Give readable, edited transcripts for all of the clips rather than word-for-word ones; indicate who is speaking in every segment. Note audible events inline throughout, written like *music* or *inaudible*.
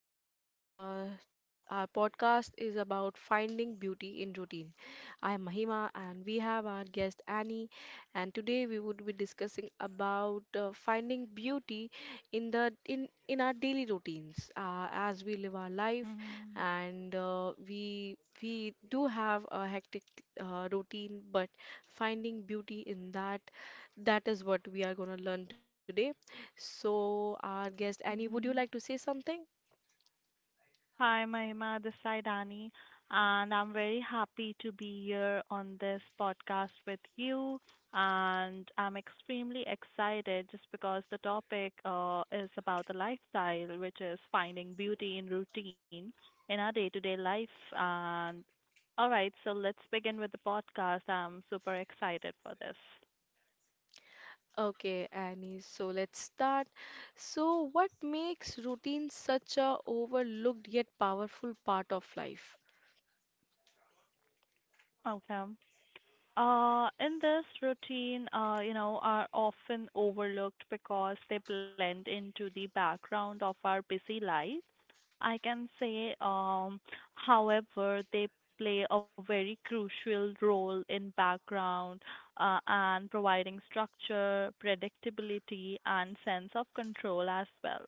Speaker 1: podcast. Our podcast is about finding beauty in routine. I am Mahima, and we have our guest Annie. And today we would be discussing about finding beauty in the in our daily routines as we live our life,
Speaker 2: Mhm,
Speaker 1: and we do have a hectic routine, but finding beauty in that is what we are going to learn today. So, our guest Annie, would you like to
Speaker 2: mhm.
Speaker 1: say something?
Speaker 2: Hi, Mahima. This side Ani, and I'm very happy to be here on this podcast with you. And I'm extremely excited just because the topic is about the lifestyle, which is finding beauty in routine in our day-to-day life. And all right, so let's begin with the podcast. I'm super excited for this.
Speaker 1: Okay, Annie, so let's start. So, what makes routine such a overlooked yet powerful part of life?
Speaker 2: Okay. In this routine, are often overlooked because they blend into the background of our busy lives. I can say, however, they play a very crucial role in background and providing structure, predictability, and sense of control as well.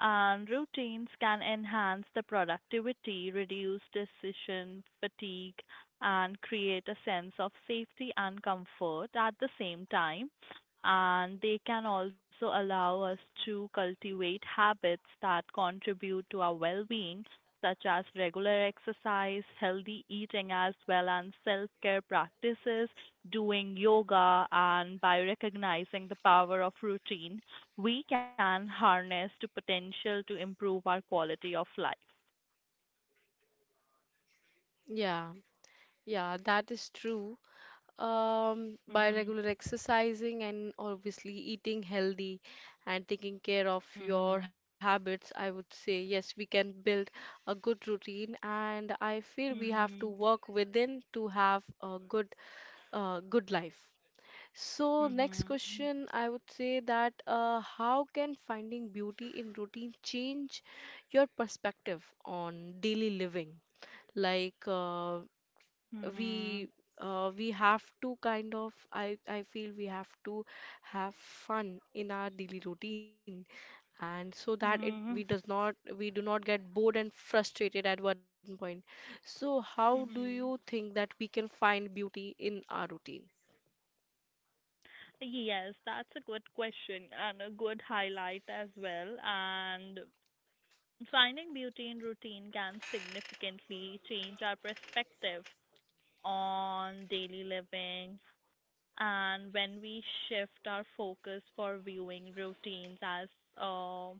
Speaker 2: And routines can enhance the productivity, reduce decision fatigue, and create a sense of safety and comfort at the same time. And they can also allow us to cultivate habits that contribute to our well being, such as regular exercise, healthy eating, as well as self care practices, doing yoga, and by recognizing the power of routine, we can harness the potential to improve our quality of life.
Speaker 1: Yeah, yeah, that is true. By
Speaker 2: Mhm.
Speaker 1: regular exercising and obviously eating healthy and taking care of your
Speaker 2: Mhm.
Speaker 1: habits, I would say yes, we can build a good routine, and I feel we have to
Speaker 2: Mhm.
Speaker 1: work within to have a good life. So, next
Speaker 2: Mhm.
Speaker 1: question, I would say that how can finding beauty in routine change your perspective on daily living? Like,
Speaker 2: Mhm.
Speaker 1: we we have to kind of I feel we have to have fun in our daily routine, and so that it we does
Speaker 2: Mhm.
Speaker 1: not we do not get bored and frustrated at one point. So, how do you
Speaker 2: Mhm.
Speaker 1: think that we can find beauty in our routine?
Speaker 2: Yes, that's a good question and a good highlight as well. And finding beauty in routine can significantly change our perspective on daily living. And when we shift our focus for viewing routines as uh,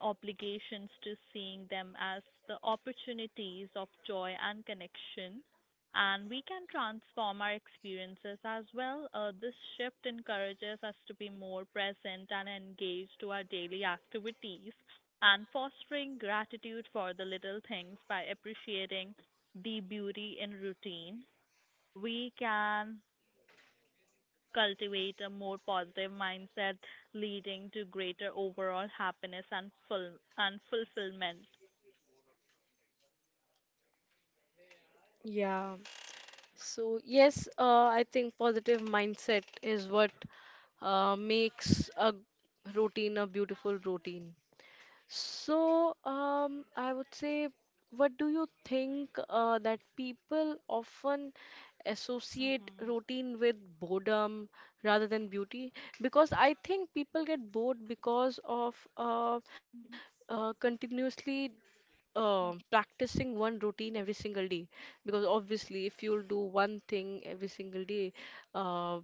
Speaker 2: obligations to seeing them as the opportunities of joy and connection and we can transform our experiences as well. This shift encourages us to be more present and engaged to our daily activities and fostering gratitude for the little things by appreciating the beauty in routine. We can cultivate a more positive mindset, leading to greater overall happiness and full and fulfillment.
Speaker 1: Yeah. So, yes, I think positive mindset is what makes a routine a beautiful routine. So, I would say, what do you think that people often associate
Speaker 2: Mhm.
Speaker 1: routine with boredom rather than beauty? Because I think people get bored because of continuously
Speaker 2: Mhm.
Speaker 1: practicing one routine every single day, because obviously if you'll do one thing every single day uh,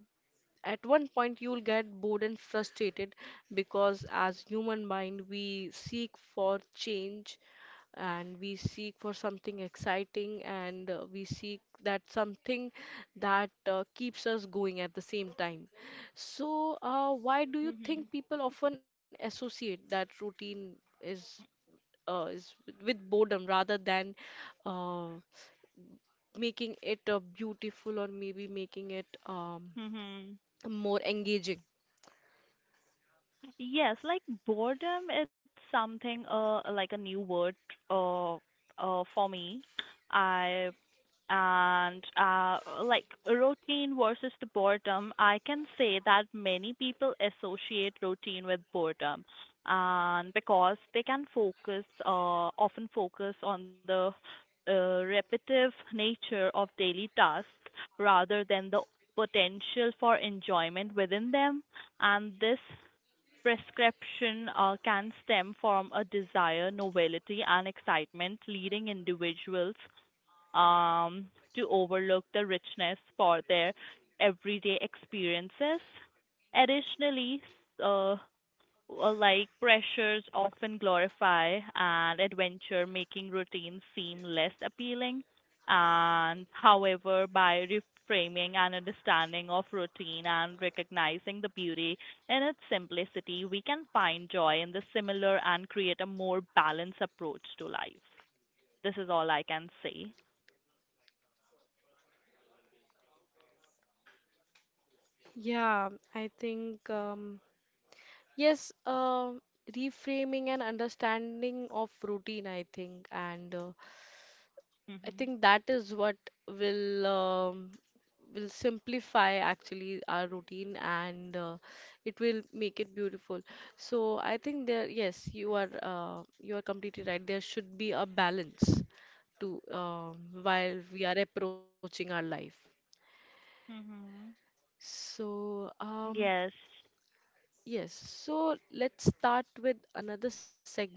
Speaker 1: at one point you'll get bored and frustrated, because as human mind we seek for change, and we seek for something exciting, and we seek that something that keeps us going at the same time. So why do you
Speaker 2: Mhm.
Speaker 1: think people often associate that routine is is with boredom rather than uh, making it beautiful, or maybe making it
Speaker 2: Mhm.
Speaker 1: more engaging?
Speaker 2: Yes, like boredom, it's something like a new word for me. I and like routine versus the boredom, I can say that many people associate routine with boredom and because they can focus often focus on the repetitive nature of daily tasks rather than the potential for enjoyment within them and this prescription can stem from a desire, novelty, and excitement, leading individuals um, to overlook the richness for their everyday experiences. Additionally, uh, like pressures often glorify and adventure, making routines seem less appealing. And however, by reframing and understanding of routine and recognizing the beauty in its simplicity, we can find joy in the similar and create a more balanced approach to life. This is all I can say.
Speaker 1: Yeah, I think yes, reframing and understanding of routine, I think, and I
Speaker 2: Mhm.
Speaker 1: think that is what will um, will simplify actually our routine, and it will make it beautiful. So I think there, yes, you are completely right. There should be a balance to while we are approaching our life.
Speaker 2: Mhm.
Speaker 1: So,
Speaker 2: Yes.
Speaker 1: yes, so let's start with another segment.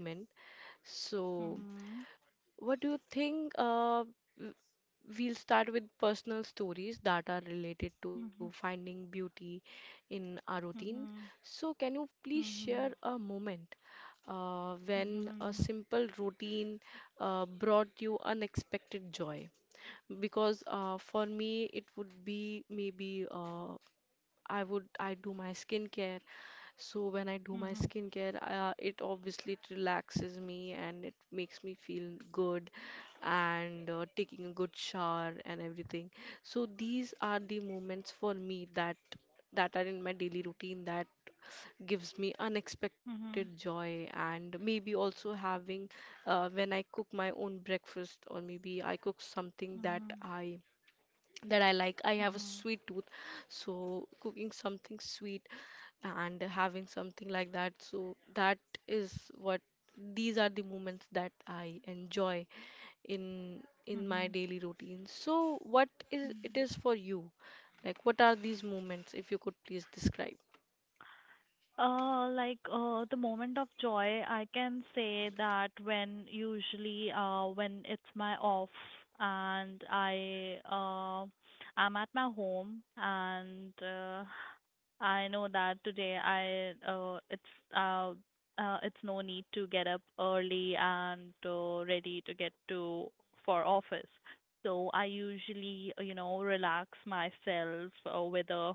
Speaker 1: So,
Speaker 2: Mhm.
Speaker 1: what do you think? W- we'll start with personal stories that are related to
Speaker 2: Mhm.
Speaker 1: finding beauty in our routine.
Speaker 2: Mhm.
Speaker 1: So, can you please share
Speaker 2: Mhm.
Speaker 1: a moment when a
Speaker 2: Mhm.
Speaker 1: simple routine brought you unexpected joy? Because for me, it would be maybe I do my skincare. So when I do
Speaker 2: Mhm.
Speaker 1: my skincare, it obviously it relaxes me and it makes me feel good, and taking a good shower and everything. So these are the moments for me that that are in my daily routine that gives me unexpected
Speaker 2: Mhm.
Speaker 1: joy, and maybe also having when I cook my own breakfast, or maybe I cook something that
Speaker 2: Mhm.
Speaker 1: I that I like. I have a
Speaker 2: Mhm.
Speaker 1: sweet tooth, so cooking something sweet and having something like that. So that is what These are the moments that I enjoy in my
Speaker 2: Mhm.
Speaker 1: daily routine. So what is it
Speaker 2: Mhm.
Speaker 1: is for you? Like, what are these moments, if you could please describe?
Speaker 2: Like the moment of joy, I can say that when usually when it's my off and I'm at my home and I know that today I it's no need to get up early and ready to get to for office. So I usually relax myself with a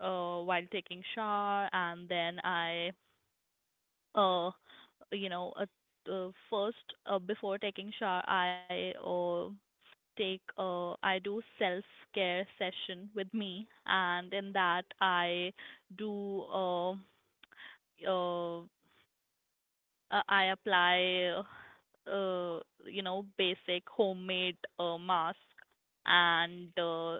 Speaker 2: while taking shower and then I uh you know first before taking shower I do self care session with me and in that do uh, uh I apply uh basic homemade mask and uh,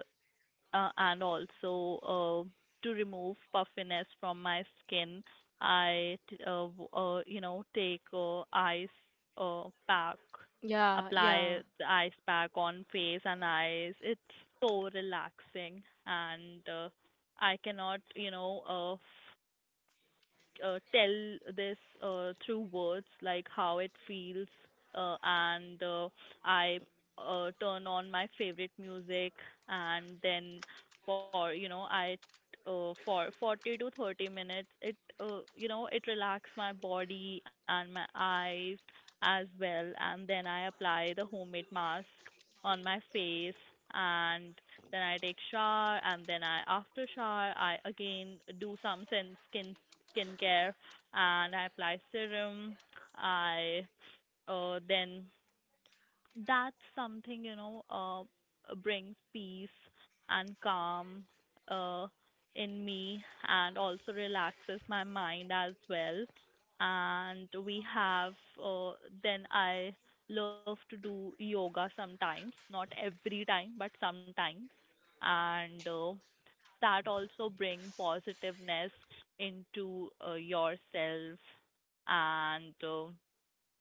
Speaker 2: and also to remove puffiness from my skin, I take ice pack,
Speaker 1: Yeah, yeah.
Speaker 2: apply the ice pack on face and eyes. It's so relaxing, and I cannot you know uh, uh, tell this through words, like how it feels, and I turn on my favorite music, and then for you know I for 40 to 30 minutes it you know it relax my body and my eyes as well, and then I apply the homemade mask on my face and then I take shower and then I after shower I again do some skincare and I apply serum. I then that's something brings peace and calm uh, in me and also relaxes my mind as well. And we have uh, then I love to do yoga sometimes, not every time, but sometimes. And that also bring positiveness into yourself and uh,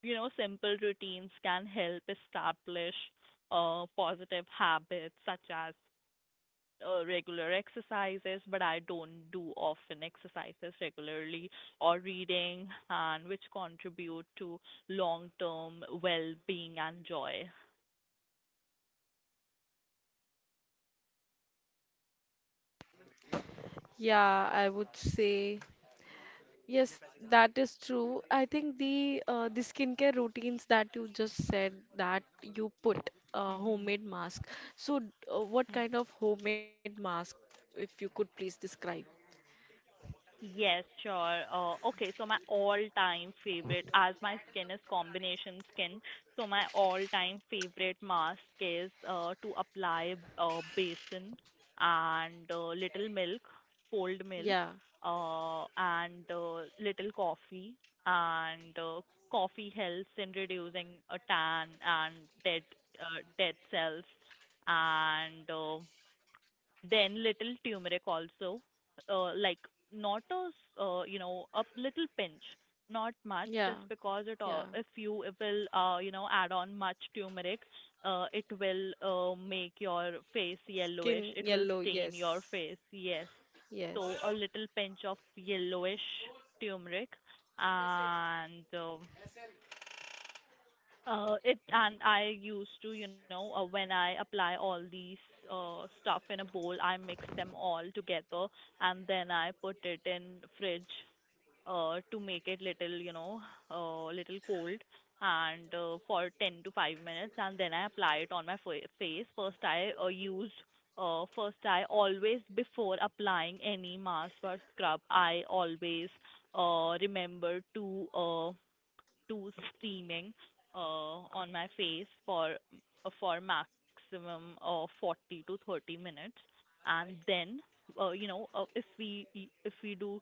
Speaker 2: you know simple routines can help establish positive habits such as regular exercises but I don't do often exercises regularly or reading and which contribute to long term well being and joy.
Speaker 1: Yeah, I would say. Yes, that is true. I think the skincare routines that you just said, that you put
Speaker 2: Mhm.
Speaker 1: homemade mask. So, what kind of homemade mask, if you could please describe?
Speaker 2: Yes, sure. Okay, so my all-time favorite, as my skin is combination skin, so my all-time favorite mask is to apply basin and little milk, cold milk,
Speaker 1: Yeah,
Speaker 2: and little coffee. And coffee helps in reducing a tan and dead dead cells. And then little turmeric also, like not a s- you know a little pinch, not much,
Speaker 1: yeah,
Speaker 2: just because it
Speaker 1: yeah.
Speaker 2: if you it will add on much turmeric, it will make your face yellowish.
Speaker 1: Skin
Speaker 2: It will
Speaker 1: yellow,
Speaker 2: stain your
Speaker 1: yes,
Speaker 2: face. Yes,
Speaker 1: yes,
Speaker 2: so a little pinch of yellowish turmeric and. It and I used to, when I apply all these stuff in a bowl, I mix them all together and then I put it in fridge to make it little, little cold and for 10 to 5 minutes and then I apply it on my face. First I always before applying any mask or scrub, I always remember to to steaming on my face for for maximum 40 to 30 minutes, and then if we do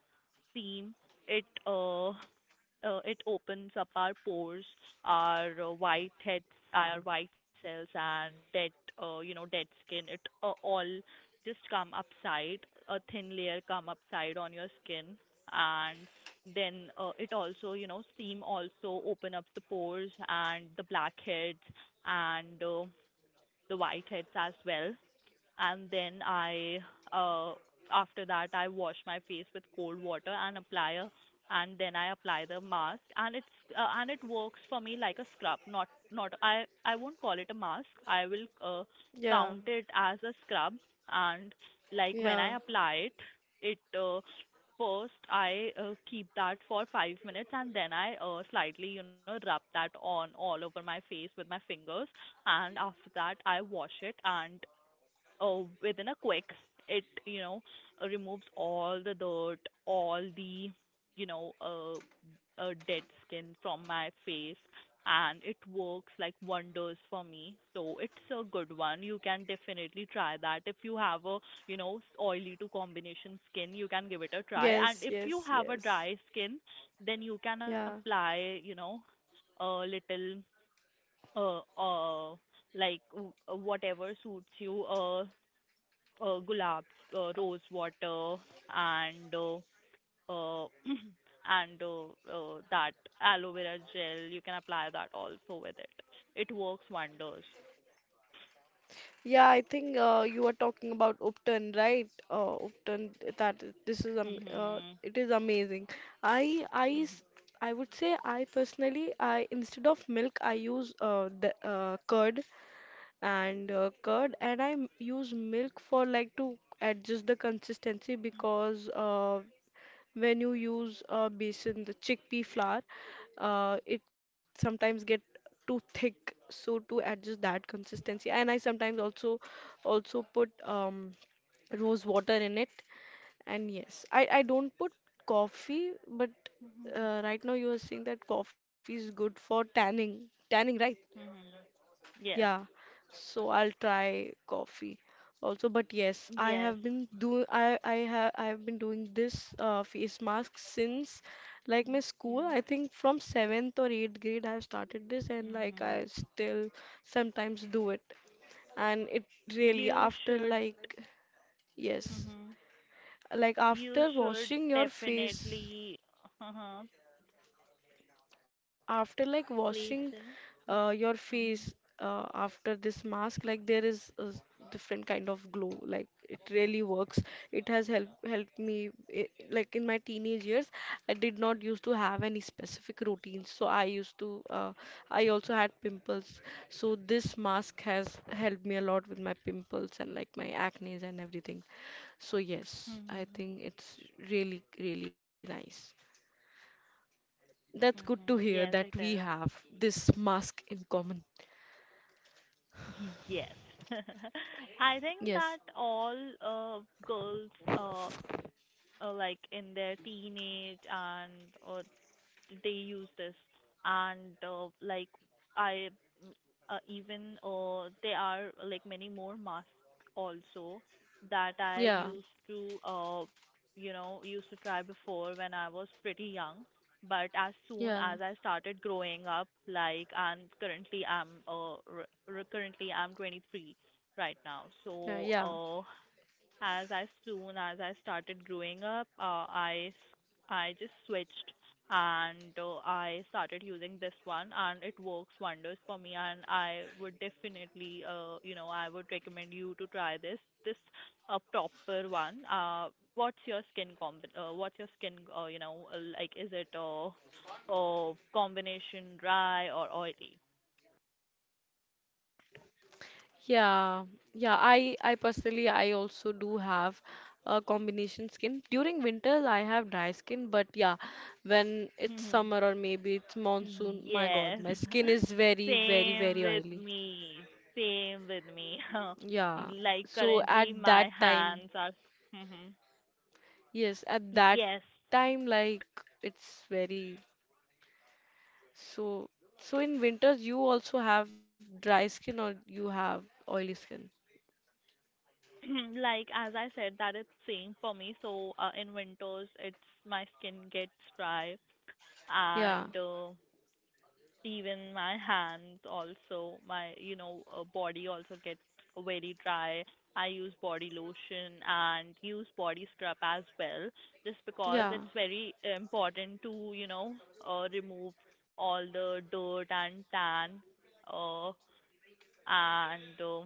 Speaker 2: steam, it uh, it opens up our pores, our white head, our white cells, and dead skin. It all just come upside, a thin layer come upside on your skin, and then it also, steam also open up the pores and the blackheads and the whiteheads as well and then I uh after that I wash my face with cold water and then I apply the mask and it works for me like a scrub not I won't call it a mask I will
Speaker 1: yeah,
Speaker 2: count it as a scrub and like when
Speaker 1: yeah,
Speaker 2: I apply it. First I keep that for 5 minutes and then I slightly rub that on all over my face with my fingers and after that I wash it and within a quick. It, removes all the dirt, all the, you know, uh, dead skin from my face, and it works like wonders for me. So it's a good one. You can definitely try that. If you have a, oily to combination skin, you can give it a try. And
Speaker 1: yes,
Speaker 2: if you
Speaker 1: yes,
Speaker 2: have a
Speaker 1: yes,
Speaker 2: dry skin, then you can
Speaker 1: yeah.
Speaker 2: apply, a little uh uh like whatever suits you gulabs, rose water, and uh, *clears throat* and that aloe vera gel. You can apply that also with it. It works wonders.
Speaker 1: Yeah, I think you are talking about Upton, right? Upton, that this is
Speaker 2: Mhm.
Speaker 1: it is amazing. I I s-
Speaker 2: Mhm.
Speaker 1: I would say, I personally I instead of milk I use the curd, and curd, and I use milk for, like, to adjust the consistency, because when you use a besan, the chickpea flour, it sometimes get too thick, so to adjust that consistency. And I sometimes also put rose water in it. And yes, I don't put coffee, but
Speaker 2: Mhm.
Speaker 1: right now you are saying that coffee is good for tanning, right?
Speaker 2: Mhm. Yes.
Speaker 1: Yeah, so I'll try coffee also. But yes, I
Speaker 2: Yes.
Speaker 1: have been do I have been doing this face mask since, like, my school.
Speaker 2: Mhm.
Speaker 1: I think from seventh or eighth grade I have started this, and like
Speaker 2: Mhm.
Speaker 1: I still sometimes do it. And it really,
Speaker 2: You
Speaker 1: after,
Speaker 2: should.
Speaker 1: like, yes,
Speaker 2: Mhm.
Speaker 1: like
Speaker 2: You
Speaker 1: after
Speaker 2: should
Speaker 1: washing your face.
Speaker 2: definitely. Uh-huh.
Speaker 1: After, like,
Speaker 2: Please.
Speaker 1: washing
Speaker 2: Sir.
Speaker 1: your
Speaker 2: Mhm.
Speaker 1: face, after this mask, like, there is a different kind of glow. Like, it really works, it has helped me. I, like, in my teenage years, I did not used to have any specific routines, so I used to I also had pimples, so this mask has helped me a lot with my pimples and, like, my acnes and everything. So yes, I
Speaker 2: Mhm.
Speaker 1: think it's really really nice. That's good
Speaker 2: Mhm.
Speaker 1: to
Speaker 2: Yes,
Speaker 1: hear
Speaker 2: it
Speaker 1: that
Speaker 2: is.
Speaker 1: we have this mask in common.
Speaker 2: Yes. *laughs* I think that
Speaker 1: Yes.
Speaker 2: all uh, girls uh, like in their teenage and uh, they use this and like i mm, even there are like many more masks also that i
Speaker 1: Yeah.
Speaker 2: used to uh, you know used to try before when I was pretty young but as soon
Speaker 1: Yeah.
Speaker 2: as I started growing up like and currently I'm 23 right now
Speaker 1: Yeah.
Speaker 2: so
Speaker 1: Yeah.
Speaker 2: as I soon as I started growing up, I just switched and I started using this one and it works wonders for me and I would definitely I would recommend you to try this a proper one. What's your skin like is it combination dry or oily?
Speaker 1: Yeah. Yeah. I personally I also do have a combination skin. During winters I have dry skin, but yeah, when it's summer
Speaker 2: *laughs*
Speaker 1: or maybe it's monsoon, my God,
Speaker 2: Yes,
Speaker 1: my skin is
Speaker 2: *laughs*
Speaker 1: very, very,
Speaker 2: same
Speaker 1: very
Speaker 2: with
Speaker 1: oily.
Speaker 2: me. Same with me. *laughs*
Speaker 1: Yeah.
Speaker 2: Like
Speaker 1: So at
Speaker 2: currently,
Speaker 1: that
Speaker 2: my
Speaker 1: time,
Speaker 2: hands are. Hmm.
Speaker 1: yes, at that
Speaker 2: Yes,
Speaker 1: time, like, it's very. So, so, in winters you also have dry skin, or you have oily skin?
Speaker 2: *clears throat* like as I said, that it's same for me. So in winters, it's my skin gets dry,
Speaker 1: Yeah,
Speaker 2: and even my hands also my body also gets very dry. I use body lotion and use body scrub as well just because
Speaker 1: yeah,
Speaker 2: it's very important to remove all the dirt and tan uh, and uh,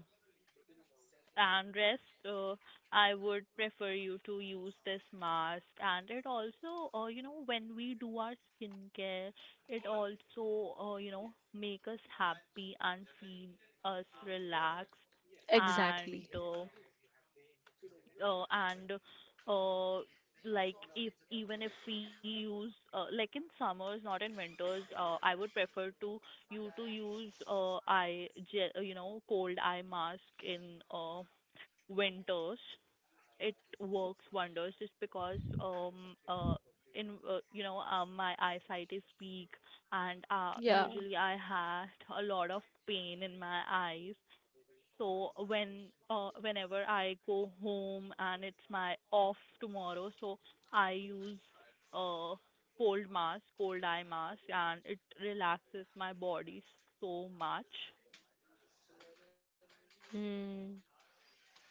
Speaker 2: and rest uh, I would prefer you to use this mask, and it also, when we do our skincare, it also, make us happy and feel us relaxed. and
Speaker 1: exactly.
Speaker 2: uh, uh, and uh, like if even if we use, like in summers, not in winters, I would prefer to you to use eye gel, you know, cold eye mask in winters. It works wonders just because in you know my eyesight is weak, and
Speaker 1: Yeah.
Speaker 2: usually I had a lot of pain in my eyes. So whenever I go home and it's my off tomorrow, so I use uh cold eye mask and it relaxes my body so much.
Speaker 1: Hmm.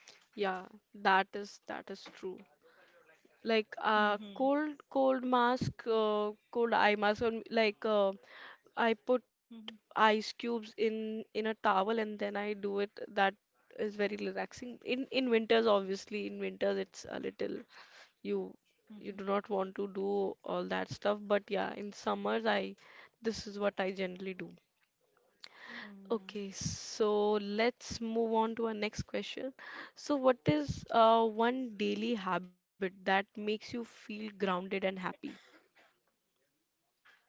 Speaker 1: Yeah, that is true. Like,
Speaker 2: Mhm.
Speaker 1: cold mask, cold eye mask on, like, I put
Speaker 2: Mhm.
Speaker 1: ice cubes in a towel and then I do it. That is very relaxing. In winters, obviously, in winters it's a little, you you do
Speaker 2: Mhm.
Speaker 1: not want to do all that stuff, but yeah, in summers, I this is what I generally do.
Speaker 2: Mhm.
Speaker 1: Okay, so let's move on to our next question. So what is one daily habit that makes you feel grounded and happy?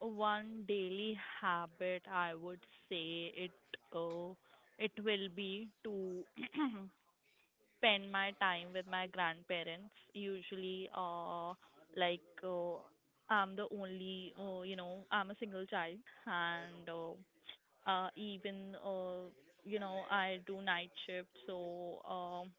Speaker 2: One daily habit I would say uh, it will be to *clears throat* spend my time with my grandparents. Usually, like uh, I'm the only, I'm a single child, and even you know I do night shift, so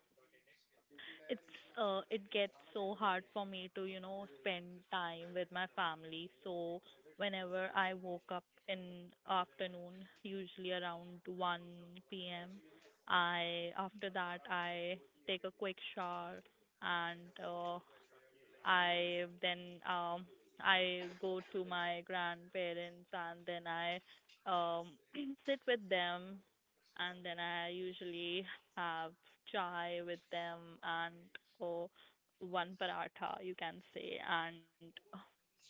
Speaker 2: it's it gets so hard for me to, you know, spend time with my family. So whenever I woke up in afternoon usually around 1 p.m., I after that I take a quick shower, and I then um I go to my grandparents, and then I um *clears throat* sit with them, and then I usually have chai with them, and or one paratha you can say. And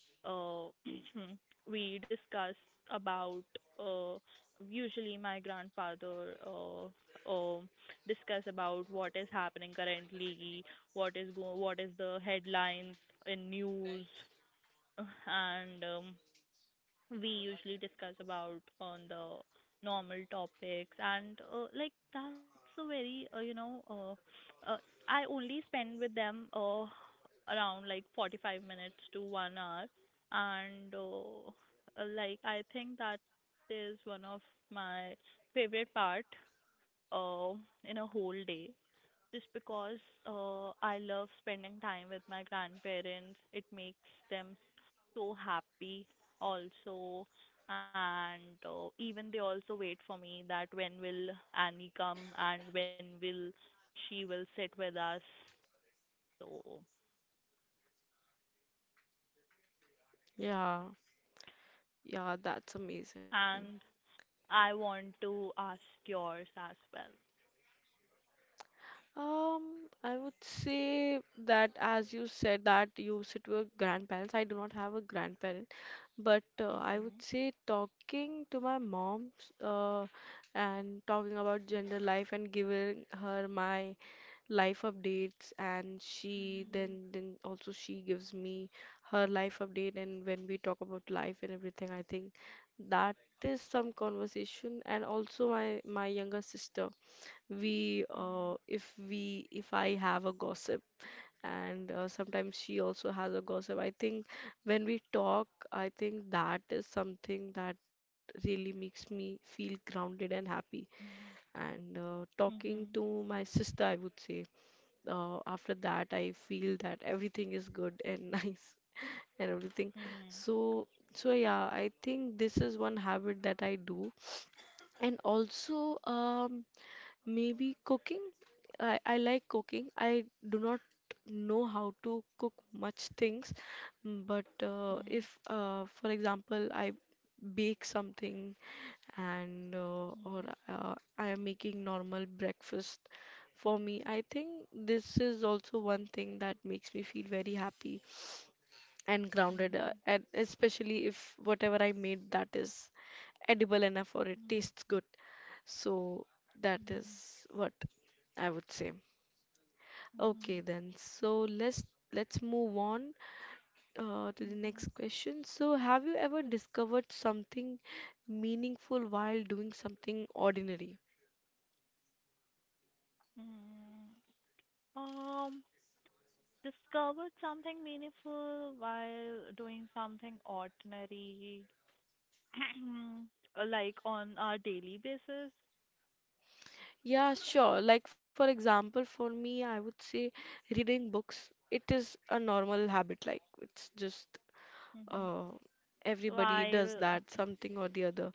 Speaker 2: uh, *clears throat* we discuss about, uh, usually my grandfather, uh, discuss about what is happening currently, what is the headlines in news, *laughs* and we usually discuss about on the normal topics. And like that's a very you know I only spend with them around like 45 minutes to 1 hour. And uh, uh, like i think that is one of my favorite part uh, in a whole day, just because, I love spending time with my grandparents. It makes them so happy also, and even they also wait for me that when will Annie come and when will she will sit with us. So.
Speaker 1: Yeah, yeah, that's amazing.
Speaker 2: And I want to ask yours as well.
Speaker 1: I would say that, as you said that you sit with grandparents, I do not have a grandparent, but I
Speaker 2: Mhm.
Speaker 1: would say talking to my mom, uh, and talking about gender life, and giving her my life updates, and she
Speaker 2: Mhm.
Speaker 1: then also she gives me her life update. And when we talk about life and everything, I think that is some conversation. And also, my younger sister, we, if I have a gossip, and sometimes she also has a gossip, I think when we talk, I think that is something that really makes me feel grounded and happy.
Speaker 2: Mhm.
Speaker 1: And talking
Speaker 2: Mhm.
Speaker 1: to my sister, I would say, after that I feel that everything is good and *laughs* nice and everything.
Speaker 2: Mhm.
Speaker 1: So yeah, I think this is one habit that I do. And also, maybe cooking. I like cooking. I do not know how to cook much things, but
Speaker 2: Mhm.
Speaker 1: if, for example, I bake something, and or I am making normal breakfast for me, I think this is also one thing that makes me feel very happy and
Speaker 2: Mhm.
Speaker 1: grounded,
Speaker 2: Mhm.
Speaker 1: and especially if whatever I made that is edible enough or it
Speaker 2: Mhm.
Speaker 1: tastes good. So that
Speaker 2: Mhm.
Speaker 1: is what I would say.
Speaker 2: Mhm.
Speaker 1: Okay
Speaker 2: Mhm.
Speaker 1: then. So let's move on to the next
Speaker 2: Mhm.
Speaker 1: question. So have you ever discovered something meaningful while doing something ordinary?
Speaker 2: Mm. Um, discovered something meaningful while doing something ordinary, *clears throat* like on a daily basis.
Speaker 1: Yeah, sure. Like, for example, for me, I would say reading books. It is a normal habit, like it's just
Speaker 2: Mm-hmm.
Speaker 1: uh, everybody does
Speaker 2: While.
Speaker 1: that something or the other.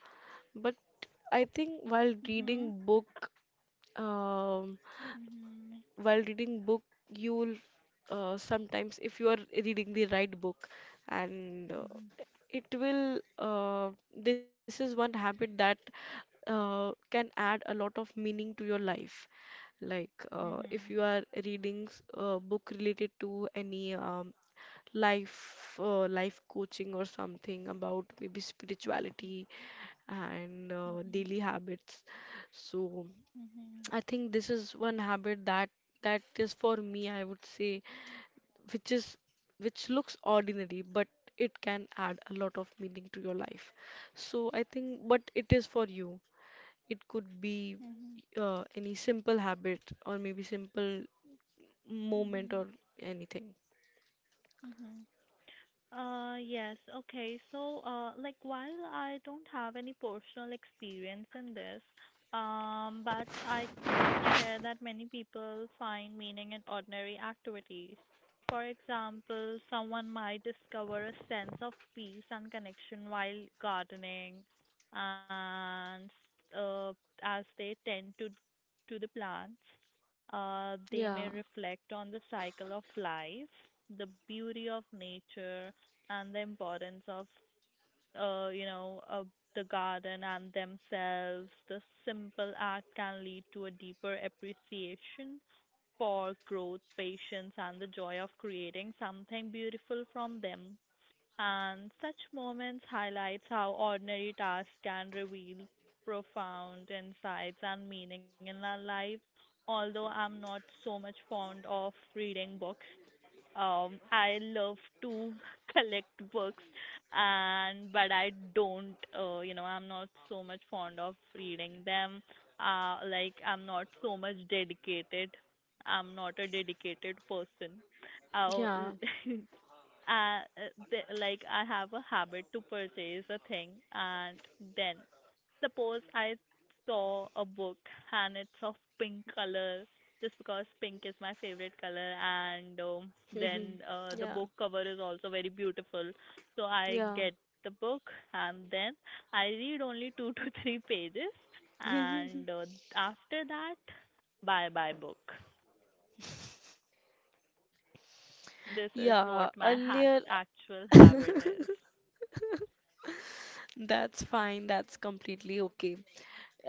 Speaker 1: But I think
Speaker 2: Mhm.
Speaker 1: um,
Speaker 2: Mhm.
Speaker 1: while reading book you'll sometimes, if you are reading the right book, and
Speaker 2: Mhm.
Speaker 1: it will this is one habit that can add a lot of meaning to your life. Like, if
Speaker 2: Mhm.
Speaker 1: you are reading a book related to any life coaching, or something about maybe spirituality and
Speaker 2: Mhm.
Speaker 1: daily habits. So
Speaker 2: Mhm.
Speaker 1: I think this is one habit that is for me, I would say, which is which looks ordinary, but it can add a lot of meaning to your life. So I think what it is for you, it could be
Speaker 2: Mhm.
Speaker 1: any simple habit, or maybe simple
Speaker 2: Mhm.
Speaker 1: moment,
Speaker 2: Mhm.
Speaker 1: or anything.
Speaker 2: Mhm. Yes, okay. So, while I don't have any personal experience in this, but I can share that many people find meaning in ordinary activities. For example, someone might discover a sense of peace and connection while gardening, and uh, as they tend to the plants. They
Speaker 1: Yeah,
Speaker 2: may reflect on the cycle of life, the beauty of nature, and the importance of, you know, of the garden and themselves. The simple act can lead to a deeper appreciation for growth, patience, and the joy of creating something beautiful from them. And such moments highlights how ordinary tasks can reveal profound insights and meaning in our lives. Although I'm not so much fond of reading books, I love to *laughs* collect books, and but I don't, you know, I'm not so much fond of reading them. Like I'm not so much dedicated. I'm not a dedicated person. I
Speaker 1: yeah,
Speaker 2: *laughs* uh, the, like I have a habit to purchase a thing, and then suppose I saw a book and it's of pink color just because pink is my favorite color. And
Speaker 1: *laughs*
Speaker 2: then The
Speaker 1: yeah,
Speaker 2: book cover is also very beautiful, so I
Speaker 1: yeah.
Speaker 2: get the book, and then I read only 2 to *laughs* 3 pages, and after that, bye bye book. This is
Speaker 1: Yeah,
Speaker 2: what my hack,
Speaker 1: earlier
Speaker 2: Actual habit is.
Speaker 1: that's fine. That's completely okay.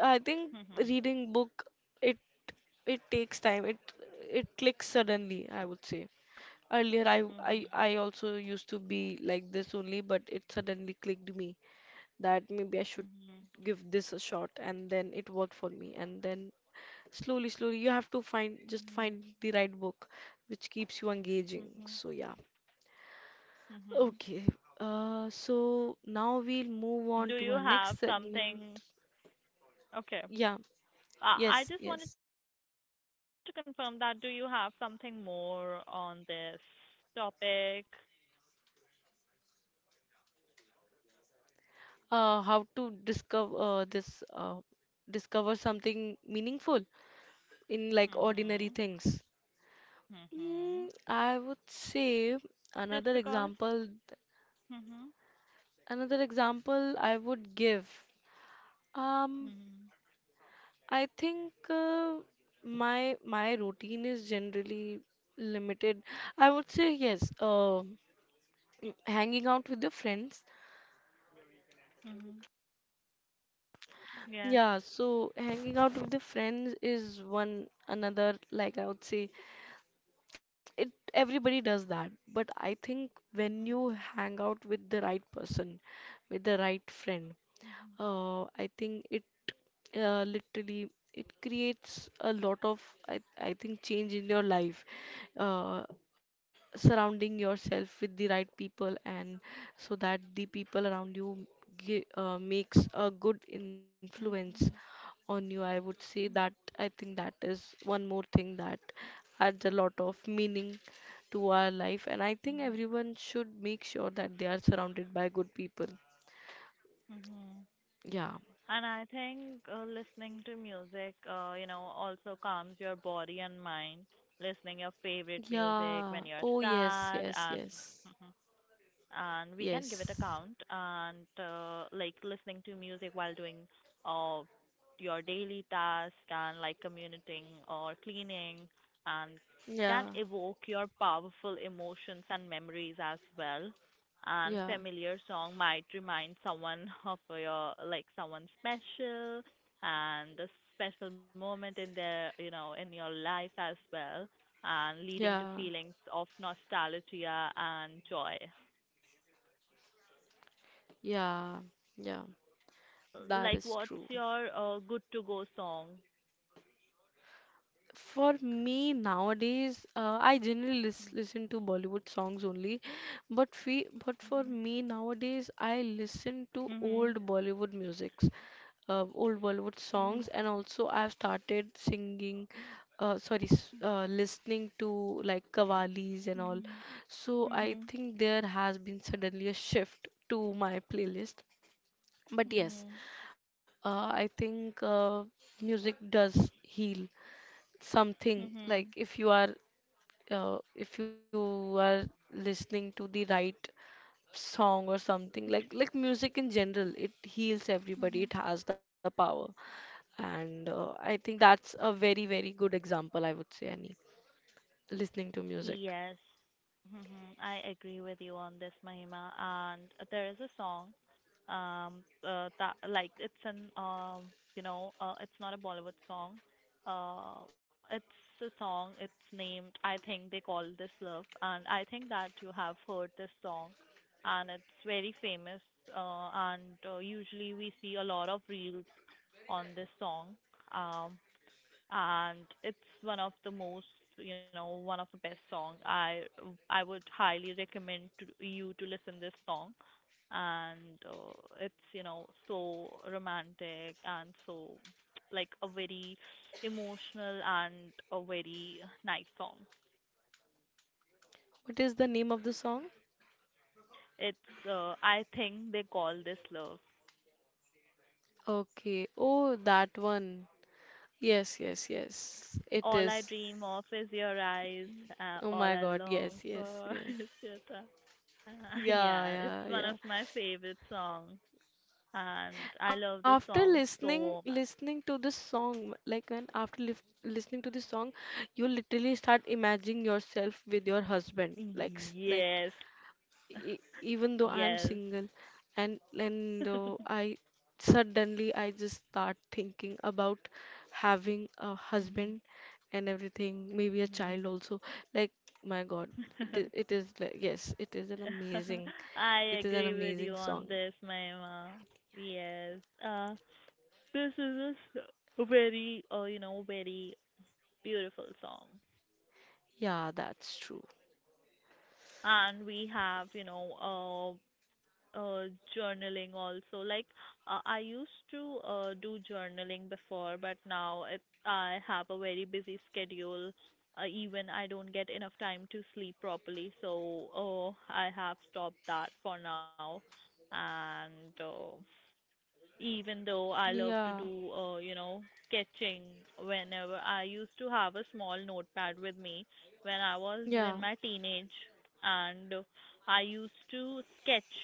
Speaker 1: I think
Speaker 2: *laughs*
Speaker 1: reading book, it it takes time. It clicks suddenly, I would say. Earlier I I
Speaker 2: Mhm.
Speaker 1: I also used to be like this only, but it suddenly clicked me that maybe I should
Speaker 2: Mhm.
Speaker 1: give this a shot, and then it worked for me, and then slowly slowly you have to find, just
Speaker 2: Mhm.
Speaker 1: find the right book which keeps you engaging.
Speaker 2: Mhm.
Speaker 1: So yeah.
Speaker 2: Mhm.
Speaker 1: Okay. So now we'll move on
Speaker 2: Do
Speaker 1: to
Speaker 2: you
Speaker 1: our next
Speaker 2: have
Speaker 1: segment.
Speaker 2: something? Okay.
Speaker 1: Yeah,
Speaker 2: I
Speaker 1: yes,
Speaker 2: just wanted to
Speaker 1: yes.
Speaker 2: confirm that do you have something more on this topic?
Speaker 1: How to discover this, discover something meaningful in like ordinary
Speaker 2: Mhm.
Speaker 1: things.
Speaker 2: Mhm.
Speaker 1: I would say
Speaker 2: Just
Speaker 1: another
Speaker 2: because?
Speaker 1: example,
Speaker 2: Mhm.
Speaker 1: another example I would give. Um,
Speaker 2: Mhm.
Speaker 1: I think my routine is generally limited. I would say yes, hanging out with the friends.
Speaker 2: Mhm. Yes.
Speaker 1: Yeah, so hanging out with the friends is one another, like I would say, it everybody does that. But I think when
Speaker 2: Mhm.
Speaker 1: you hang out with the right person, with the right friend,
Speaker 2: Mhm.
Speaker 1: I think it literally it creates a lot of I think change in your life. Uh, Surrounding yourself with the right people, and so that the people around you makes a good influence
Speaker 2: Mhm.
Speaker 1: on you. I would say that
Speaker 2: Mhm.
Speaker 1: I think that is one more thing that adds a lot of meaning to our life, and I think
Speaker 2: Mhm.
Speaker 1: everyone should make sure that they are surrounded by good people.
Speaker 2: Mhm.
Speaker 1: Yeah.
Speaker 2: And I think, listening to music, you know, also calms your body and mind. Listening your favorite music
Speaker 1: Yeah.
Speaker 2: when you're
Speaker 1: Oh, yes,
Speaker 2: sad,
Speaker 1: yes,
Speaker 2: and
Speaker 1: yes.
Speaker 2: *laughs* and we can give it a
Speaker 1: Yes.
Speaker 2: count. And like Listening to music while doing uh, your daily task, and like commuting or cleaning, and
Speaker 1: Yeah.
Speaker 2: can evoke your powerful emotions and memories as well. And
Speaker 1: Yeah.
Speaker 2: familiar song might remind someone of your, like, someone special, and a special moment in their, you know, in your life as well, and leading to
Speaker 1: Yeah.
Speaker 2: feelings of nostalgia and joy.
Speaker 1: Yeah. Yeah. That
Speaker 2: Like,
Speaker 1: is
Speaker 2: what's
Speaker 1: true.
Speaker 2: your good to go song?
Speaker 1: For me nowadays, I generally listen to Bollywood songs only, but we, but for
Speaker 2: Mhm.
Speaker 1: me nowadays, I listen to
Speaker 2: Mhm.
Speaker 1: old Bollywood musics, old Bollywood songs,
Speaker 2: Mhm.
Speaker 1: and also I've started singing, sorry, listening to like qawwalis and all.
Speaker 2: Mhm.
Speaker 1: So I
Speaker 2: Mhm.
Speaker 1: think there has been suddenly a shift to my playlist. But yes,
Speaker 2: Mhm.
Speaker 1: I think music does heal something. Like
Speaker 2: Mhm.
Speaker 1: if you are listening to the right song or something, like music in general, it heals everybody,
Speaker 2: Mhm.
Speaker 1: it has the power. And I think that's a very very good example, I would say. Any listening to music.
Speaker 2: Yes. Hmm. I agree with you on this, Mahima. And there is a song, that like it's an it's not a Bollywood song. It's a song. It's named. I think they call this Love, and I think that you have heard this song, and it's very famous. And Usually we see a lot of reels on this song. Um, and it's one of the most one of the best song. I would highly recommend to you to listen this song, and it's, you know, so romantic and so, like, a very emotional and a very nice song.
Speaker 1: What is the name of the song?
Speaker 2: It's I think they call this love.
Speaker 1: Okay, oh, that one. Yes, yes, yes, it
Speaker 2: All I
Speaker 1: is.
Speaker 2: dream of is your eyes,
Speaker 1: Oh
Speaker 2: all
Speaker 1: my
Speaker 2: I
Speaker 1: God,
Speaker 2: long
Speaker 1: yes, yes,
Speaker 2: for *laughs*
Speaker 1: yes.
Speaker 2: is your touch. *laughs*
Speaker 1: Yeah,
Speaker 2: Yeah, it's
Speaker 1: yeah,
Speaker 2: one of
Speaker 1: yeah.
Speaker 2: my favorite songs. And I love the
Speaker 1: After
Speaker 2: song so much.
Speaker 1: listening to this song, like when after lif listening to this song, you literally start imagining yourself with your husband, like like
Speaker 2: Yes.
Speaker 1: e even
Speaker 2: *laughs*
Speaker 1: though I'm
Speaker 2: Yes.
Speaker 1: single, and and though
Speaker 2: *laughs*
Speaker 1: I suddenly I just start thinking about having a
Speaker 2: Mhm.
Speaker 1: husband and everything, maybe a
Speaker 2: Mhm.
Speaker 1: child also, like my God. It is,
Speaker 2: *laughs*
Speaker 1: it is like yes, it is an amazing,
Speaker 2: I
Speaker 1: it is an
Speaker 2: agree with you
Speaker 1: amazing
Speaker 2: on
Speaker 1: song.
Speaker 2: this, Mahima. Yes. This is a s- Very, you know, very beautiful song.
Speaker 1: Yeah, that's true.
Speaker 2: And we have, you know, uh, journaling also. Like, I used to do journaling before, but now I have a very busy schedule. Even I don't get enough time to sleep properly, so I have stopped that for now. And even though I love
Speaker 1: Yeah.
Speaker 2: to do, you know, sketching. Whenever I used to have a small notepad with me when I was
Speaker 1: Yeah,
Speaker 2: in my teenage, and I used to sketch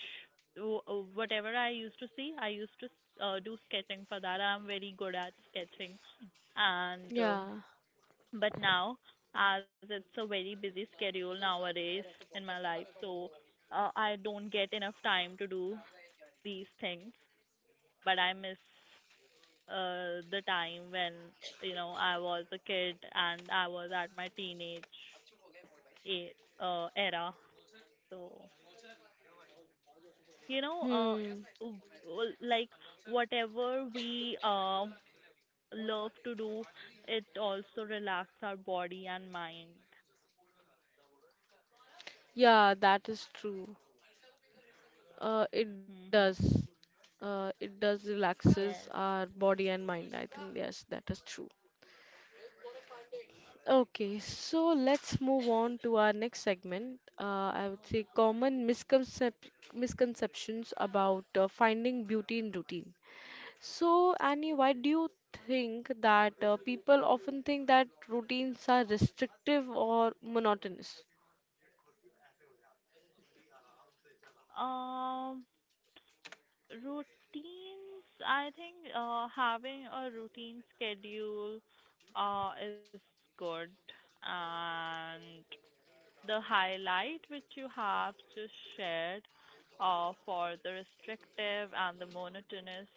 Speaker 2: whatever I used to see, I used to, do sketching for that. I'm very good at sketching, and
Speaker 1: yeah.
Speaker 2: but now, as it's a very busy schedule nowadays in my life, so I don't get enough time to do these things, but I miss the time when, you know, I was a kid and I was at my teenage a- era. So, you know,
Speaker 1: Hmm.
Speaker 2: w- w- like whatever we love to do, it also relax our body and mind.
Speaker 1: Yeah, that is true. It
Speaker 2: Hmm.
Speaker 1: does. It does relaxes
Speaker 2: Yes.
Speaker 1: our body and mind. I think yes, that is true. Okay, so let's move on to our next segment. I would say common misconceptions about finding beauty in routine. So, Annie, why do you think that people often think that routines are restrictive or monotonous?
Speaker 2: Um, routines. I think having a routine schedule is good. And the highlight which you have just shared, for the restrictive and the monotonous,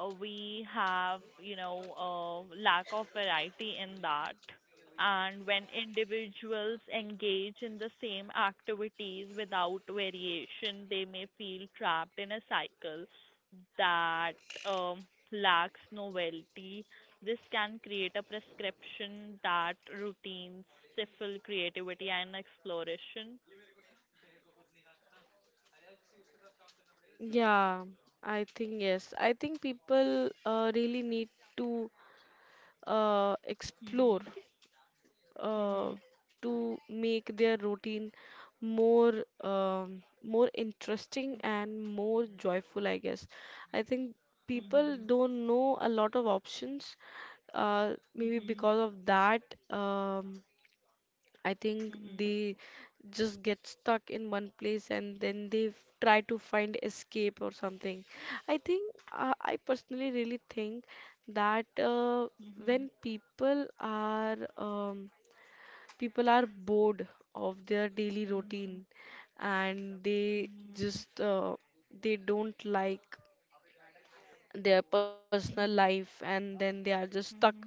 Speaker 2: we have, you know, lack of variety in that. And when individuals engage in the same activities without variation, they may feel trapped in a cycle that um, lacks novelty. This can create a prescription that routines stifle creativity and exploration.
Speaker 1: Yeah, I think yes. I think people really need to explore
Speaker 2: Mhm.
Speaker 1: uh,
Speaker 2: Mhm.
Speaker 1: to make their routine more more interesting and more joyful, I guess. I think people
Speaker 2: Mhm.
Speaker 1: don't know a lot of options, maybe
Speaker 2: Mhm.
Speaker 1: because of that. Um, I think
Speaker 2: Mhm.
Speaker 1: they just get stuck in one place, and then they try to find escape or something. I think I personally really think that
Speaker 2: Mhm.
Speaker 1: when people are bored of their daily
Speaker 2: Mhm.
Speaker 1: routine, and they
Speaker 2: Mhm.
Speaker 1: just they don't like their personal
Speaker 2: Mhm.
Speaker 1: life, and then they are just stuck,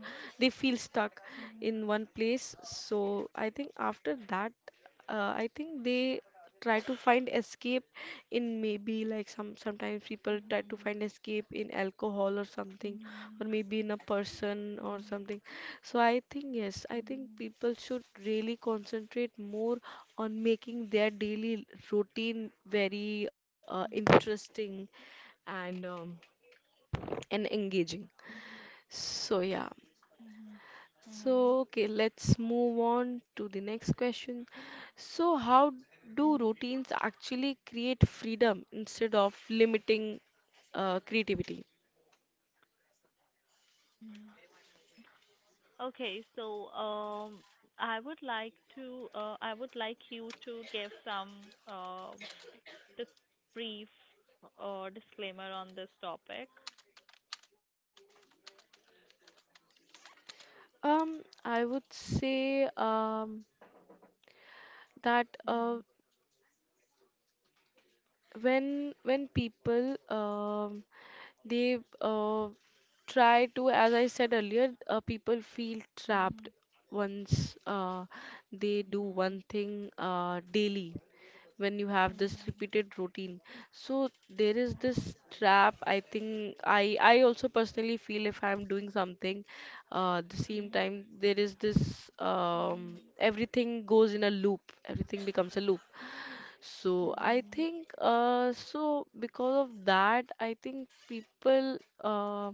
Speaker 1: they feel stuck in one place. So I think after that I think they try to find escape in maybe like some, sometimes people
Speaker 2: Mhm.
Speaker 1: try to
Speaker 2: Mhm.
Speaker 1: find escape in alcohol or
Speaker 2: Mhm. Mhm. Mhm. Mhm.
Speaker 1: something,
Speaker 2: Mhm.
Speaker 1: or maybe in a person or something. So I think yes, I think people should really concentrate more on making their daily routine very interesting and um, and engaging. So, yeah.
Speaker 2: Mhm.
Speaker 1: So, okay, let's move on to the next question. So, how
Speaker 2: Mhm.
Speaker 1: do
Speaker 2: Mhm.
Speaker 1: routines actually create freedom instead of limiting creativity?
Speaker 2: Mhm. Okay, so I would like to, I would like you to give some dis- brief disclaimer on this topic.
Speaker 1: I would say that
Speaker 2: Mhm.
Speaker 1: when people they try to, as I said earlier, people feel trapped
Speaker 2: Mhm.
Speaker 1: once they do one
Speaker 2: Mhm.
Speaker 1: thing daily, when you have this
Speaker 2: Mhm.
Speaker 1: repeated routine. So there is this trap. I think I also personally feel if I'm doing something the same
Speaker 2: Mhm.
Speaker 1: time, there is this everything goes in a loop. Everything becomes a loop.
Speaker 2: Mhm.
Speaker 1: So I
Speaker 2: Mhm.
Speaker 1: think so because of that I think people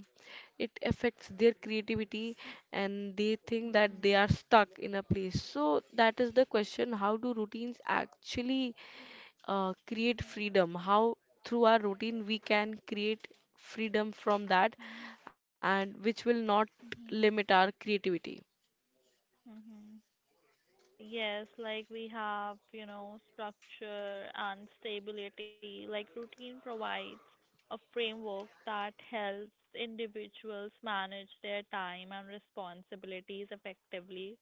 Speaker 1: it affects their creativity, and they think that
Speaker 2: Mhm.
Speaker 1: they are stuck in a place. So that is the question, how do routines actually create
Speaker 2: Mhm.
Speaker 1: freedom? How through our routine we can create freedom from that,
Speaker 2: Mhm.
Speaker 1: and which will not limit
Speaker 2: Mhm.
Speaker 1: our creativity.
Speaker 2: Mhm. Yes, like we have, you know, structure and stability. Like routine provides a framework that helps individuals manage their time and responsibilities effectively.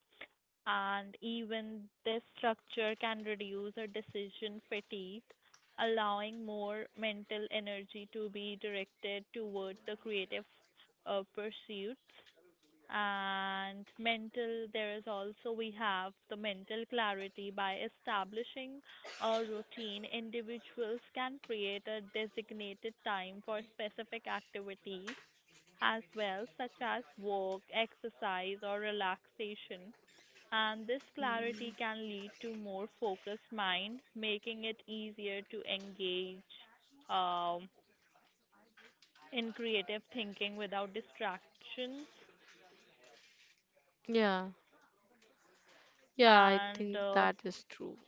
Speaker 2: And even this structure can reduce a decision fatigue, allowing more mental energy to be directed toward the creative pursuits. There is also we have the mental clarity by establishing a routine. Individuals can create a designated time for specific activities as well, such as work, exercise, or relaxation, and this clarity
Speaker 1: Mm,
Speaker 2: can lead to more focused mind, making it easier to engage um, in creative thinking without distractions.
Speaker 1: Yeah, yeah, I
Speaker 2: And
Speaker 1: think that is true.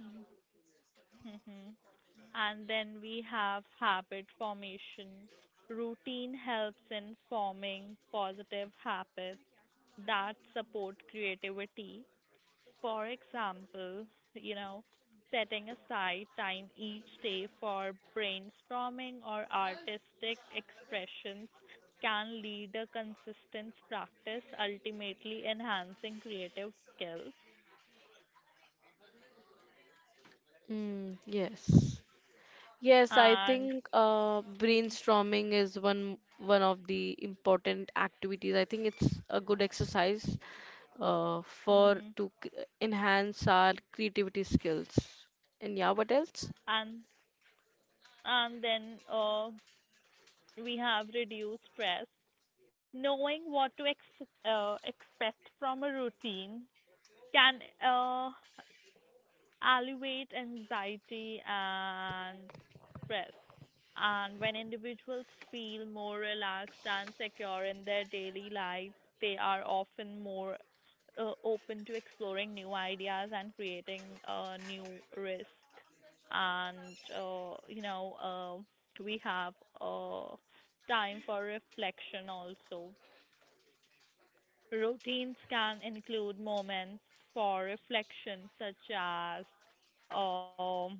Speaker 2: mhm. and then we have habit formation. Routine helps in forming positive habits that support creativity. For example, you know, setting aside time each day for brainstorming or artistic expressions can lead a consistent practice, ultimately enhancing creative skills.
Speaker 1: Yes. Yes, I
Speaker 2: And
Speaker 1: think
Speaker 2: mhm,
Speaker 1: brainstorming is one of the important activities. I think it's a good exercise for
Speaker 2: mhm.
Speaker 1: to enhance our creativity skills. And yeah, what else?
Speaker 2: and and then we have reduced stress. Knowing what to expect from a routine can alleviate anxiety and stress. And when individuals feel more relaxed and secure in their daily lives, they are often more open to exploring new ideas and creating new risk. And uh, you know, we have uh, time for reflection also. Routines can include moments for reflection, such as um,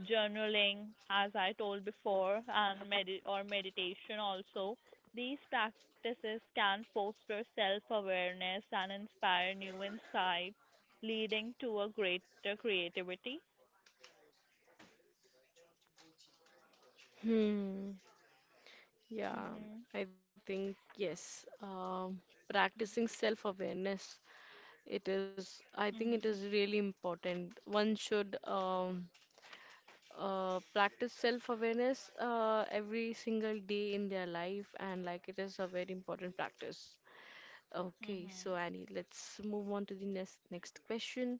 Speaker 2: journaling, as I told before, and meditation also. These practices can foster self-awareness and inspire new insights, leading to a greater creativity.
Speaker 1: Hmm. Yeah,
Speaker 2: Hmm.
Speaker 1: I think yes. Practicing self-awareness, it is. I think it
Speaker 2: Mm-hmm.
Speaker 1: is really important. One should practice self-awareness every single day in their life, and like it is a very important practice. Okay,
Speaker 2: Mm-hmm.
Speaker 1: so Annie, let's move on to the next next question.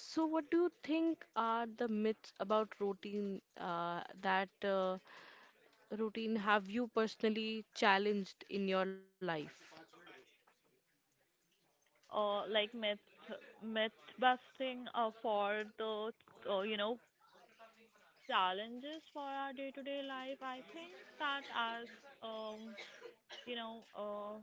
Speaker 1: So, what do you think are the myths about routine that routine have you personally challenged in your life?
Speaker 2: uh, like myth Myth busting for the uh, you know challenges for our day to day life. I think that as um you know.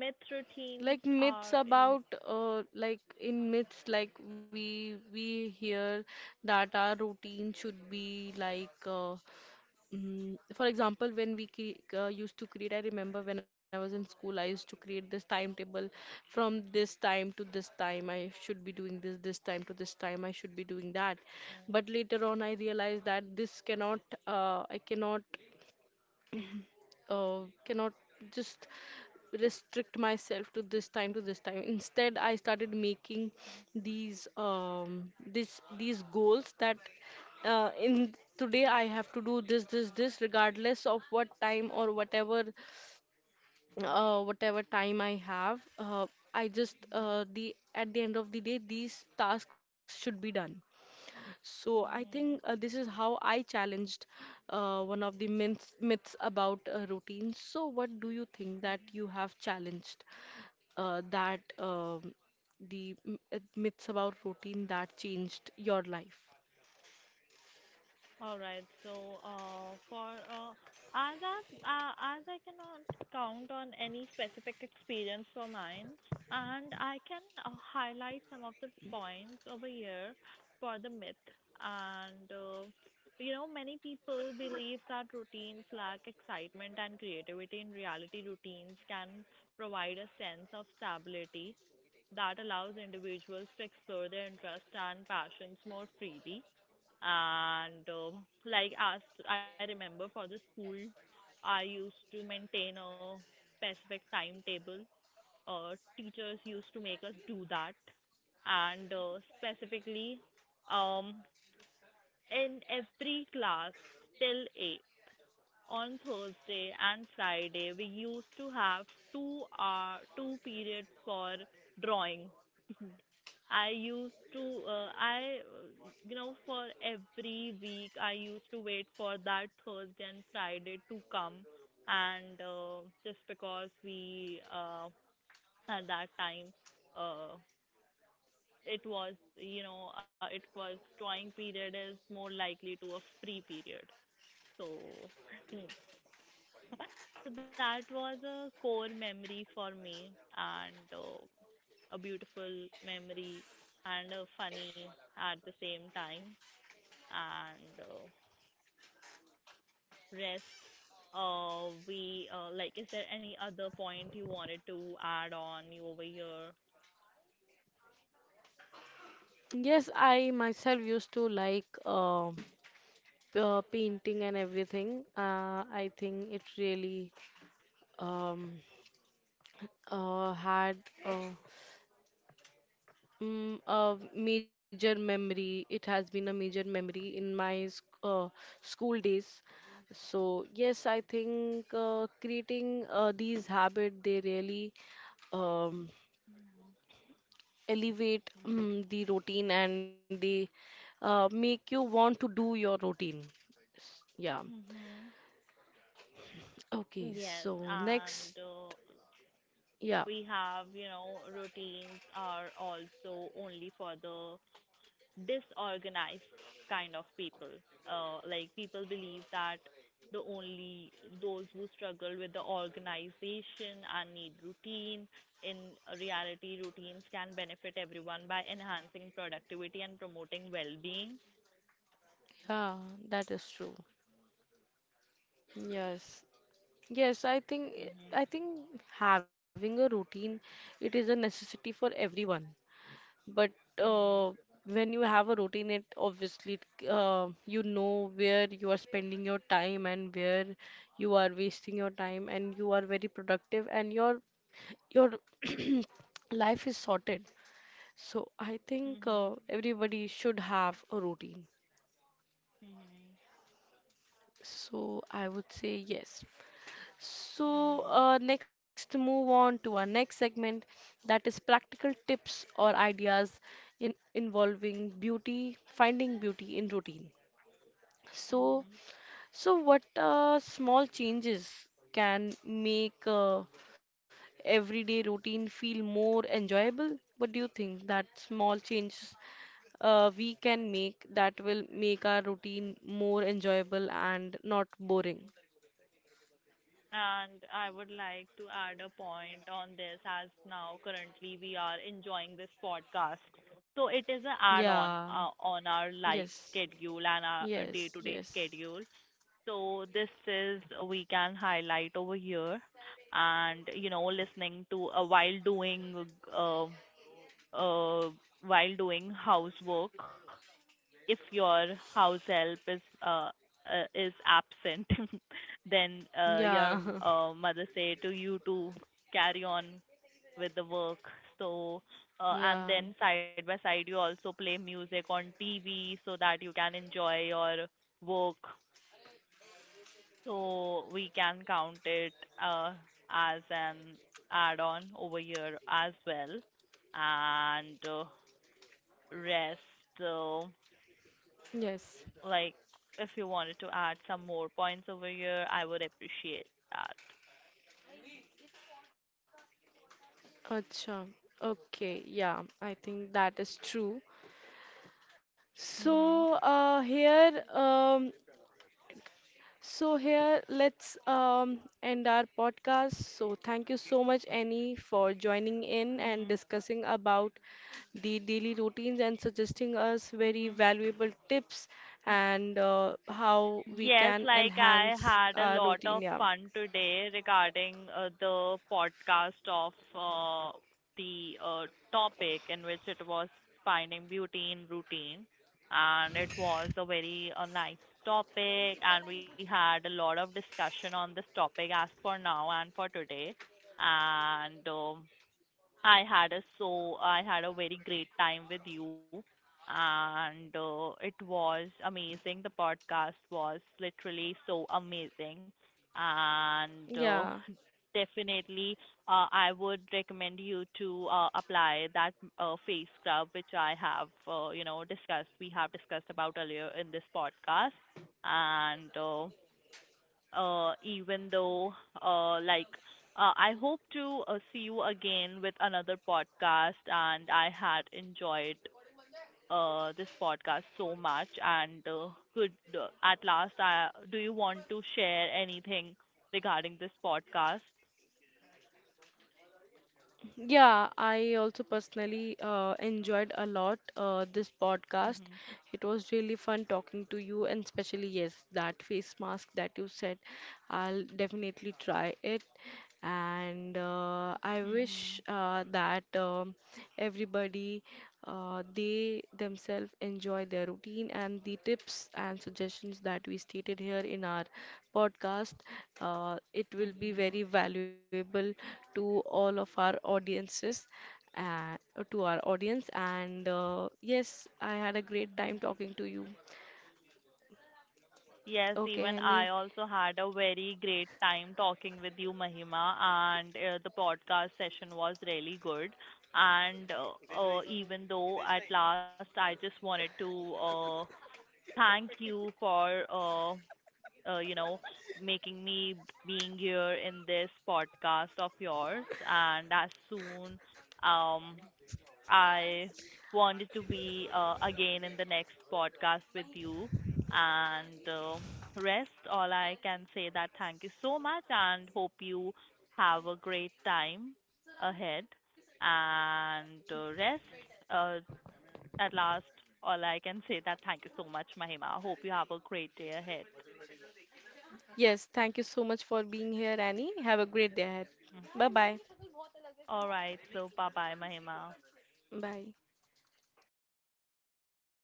Speaker 2: Myth routines
Speaker 1: Like myths
Speaker 2: are in
Speaker 1: about like in myths like we hear that our routine should be like for example, when we cre used to create, I remember when I was in school, I used to create this timetable from this time to this time. I should be doing this, this time to this time. I should be doing that. But later on, I realized that this cannot, I cannot uh, cannot just restrict myself to this time to this time. Instead, I started making these this these goals that in today I have to do this, this, this regardless of what time or whatever
Speaker 2: mhm,
Speaker 1: whatever time I have. I just
Speaker 2: mhm,
Speaker 1: the at the end of the day these tasks should be done. So I think
Speaker 2: mhm.
Speaker 1: this is how I challenged one of the myths, myths about routine. So what do you think that you have challenged that myths about routine that changed your life?
Speaker 2: All right. So, for as as I cannot count on any specific experience for mine, and I can highlight some of the points over here for the myth. And many people believe that routines lack excitement and creativity. In reality, routines can provide a sense of stability that allows individuals to explore their interests and passions more freely. And like as I remember for the school, I used to maintain a specific timetable. Uh, Teachers used to make us do that, and specifically, um, in every class till eight on Thursday and Friday, we used to have two periods for drawing. I used to, for every week, I used to wait for that Thursday and Friday to come. And just because we, at that time, uh, it was drawing period is more likely to a free period, so. *laughs* *laughs* So that was a core memory for me, and a beautiful memory, and funny at the same time. And rest, we, like, is there any other point you wanted to add on you over here?
Speaker 1: Yes, I myself used to like painting and everything. I think it really um, uh, had. uh, a major memory. It has been a major memory in my school days. So yes, I think creating these habits, they really um,
Speaker 2: Mm-hmm.
Speaker 1: elevate the routine, and they make you want to do your routine. Yeah.
Speaker 2: Mm-hmm.
Speaker 1: Okay.
Speaker 2: Yes,
Speaker 1: So
Speaker 2: and
Speaker 1: next,
Speaker 2: uh, we
Speaker 1: yeah,
Speaker 2: have, routines are also only for the disorganized kind of people. Like, people believe that the only those who struggle with the organization and need routine. In reality, routines can benefit everyone by enhancing productivity and promoting well-being.
Speaker 1: yeah, that is true. Yes. Yes,
Speaker 2: Mhm.
Speaker 1: I think having a routine, it is a necessity for everyone. But uh,
Speaker 2: Mhm.
Speaker 1: when you have a routine, it obviously you know where you are spending your time and where you are wasting your time, and you are very productive, and your *clears throat* life is sorted. So I think
Speaker 2: Mhm.
Speaker 1: everybody should have a routine.
Speaker 2: Mhm.
Speaker 1: So I would say yes. So,
Speaker 2: Mhm.
Speaker 1: next, move on to our next segment, that is practical tips or ideas in involving beauty, finding beauty in routine. So,
Speaker 2: Mhm.
Speaker 1: so what small changes can make everyday routine feel more enjoyable? What do you think that small changes we can make that will make our routine more enjoyable and not boring?
Speaker 2: And I would like to add a point on this, as now currently we are enjoying this podcast. So it is an add
Speaker 1: Yeah,
Speaker 2: on, on our life
Speaker 1: yes.
Speaker 2: schedule and our
Speaker 1: Yes,
Speaker 2: day to day
Speaker 1: yes.
Speaker 2: schedule. So this is we can highlight over here, and listening to, uh, uh while doing housework, if your house help uh, is absent, *laughs* then your
Speaker 1: Yeah,
Speaker 2: mother say to you to carry on with the work. So
Speaker 1: *laughs*
Speaker 2: uh, and
Speaker 1: yeah,
Speaker 2: then side by side you also play music on TV so that you can enjoy your work. So we can count it uh, as an add-on over here as well. And rest. Uh,
Speaker 1: yes.
Speaker 2: Like, if you wanted to add some more points over here, I would appreciate that.
Speaker 1: Acha. Okay, yeah, I think that is true.
Speaker 2: Mhm.
Speaker 1: So, here, so here, let's end our podcast. So, thank you so much, Annie, for joining in and
Speaker 2: Mhm.
Speaker 1: discussing about the daily routines and suggesting us very
Speaker 2: Mhm.
Speaker 1: valuable tips, and how we
Speaker 2: Yes,
Speaker 1: can
Speaker 2: like I
Speaker 1: enhance
Speaker 2: had a
Speaker 1: our
Speaker 2: lot
Speaker 1: routine.
Speaker 2: of
Speaker 1: Yeah,
Speaker 2: fun today regarding the podcast of the topic in which it was finding beauty in routine. And it was a very nice topic, and we had a lot of discussion on this topic as for now and for today. And I had a so I had a very great time with you, and it was amazing. The podcast was literally so amazing, and
Speaker 1: yeah.
Speaker 2: uh, *laughs* definitely I would recommend you to apply that face scrub which I have discussed. We have discussed about earlier in this podcast, and even though, like, I hope to see you again with another podcast, and I had enjoyed this podcast so much. And could, at last, do you want to share anything regarding this podcast?
Speaker 1: Yeah, I also personally enjoyed a lot this podcast.
Speaker 2: Mhm.
Speaker 1: It was really fun talking to you, and especially, yes, that face mask that you said. I'll definitely try it. And I wish
Speaker 2: Mhm.
Speaker 1: that everybody they themselves enjoy their routine, and the tips and suggestions that we stated here in our podcast, it will be
Speaker 2: Mhm.
Speaker 1: very valuable to all of our audiences, and to our audience and yes, I had a great time
Speaker 2: Mhm.
Speaker 1: talking to you.
Speaker 2: Yes,
Speaker 1: Okay,
Speaker 2: even I
Speaker 1: Annie.
Speaker 2: also had a very great time talking with you, Mahima, and the podcast session was really good. And even though, at last, I just wanted to thank you for uh, you know making me being here in this podcast of yours. And as soon um I wanted to be again in the next podcast with you. And rest, all I can say that thank you so much and hope you have a great time ahead. And rest, uh, at last, all I can say that thank you so much, Mahima. Hope you have a great day ahead.
Speaker 1: Yes, thank you so much for being here, Annie. Have a great day ahead.
Speaker 2: Mm.
Speaker 1: Bye bye.
Speaker 2: All right, so bye bye, Mahima.
Speaker 1: Bye.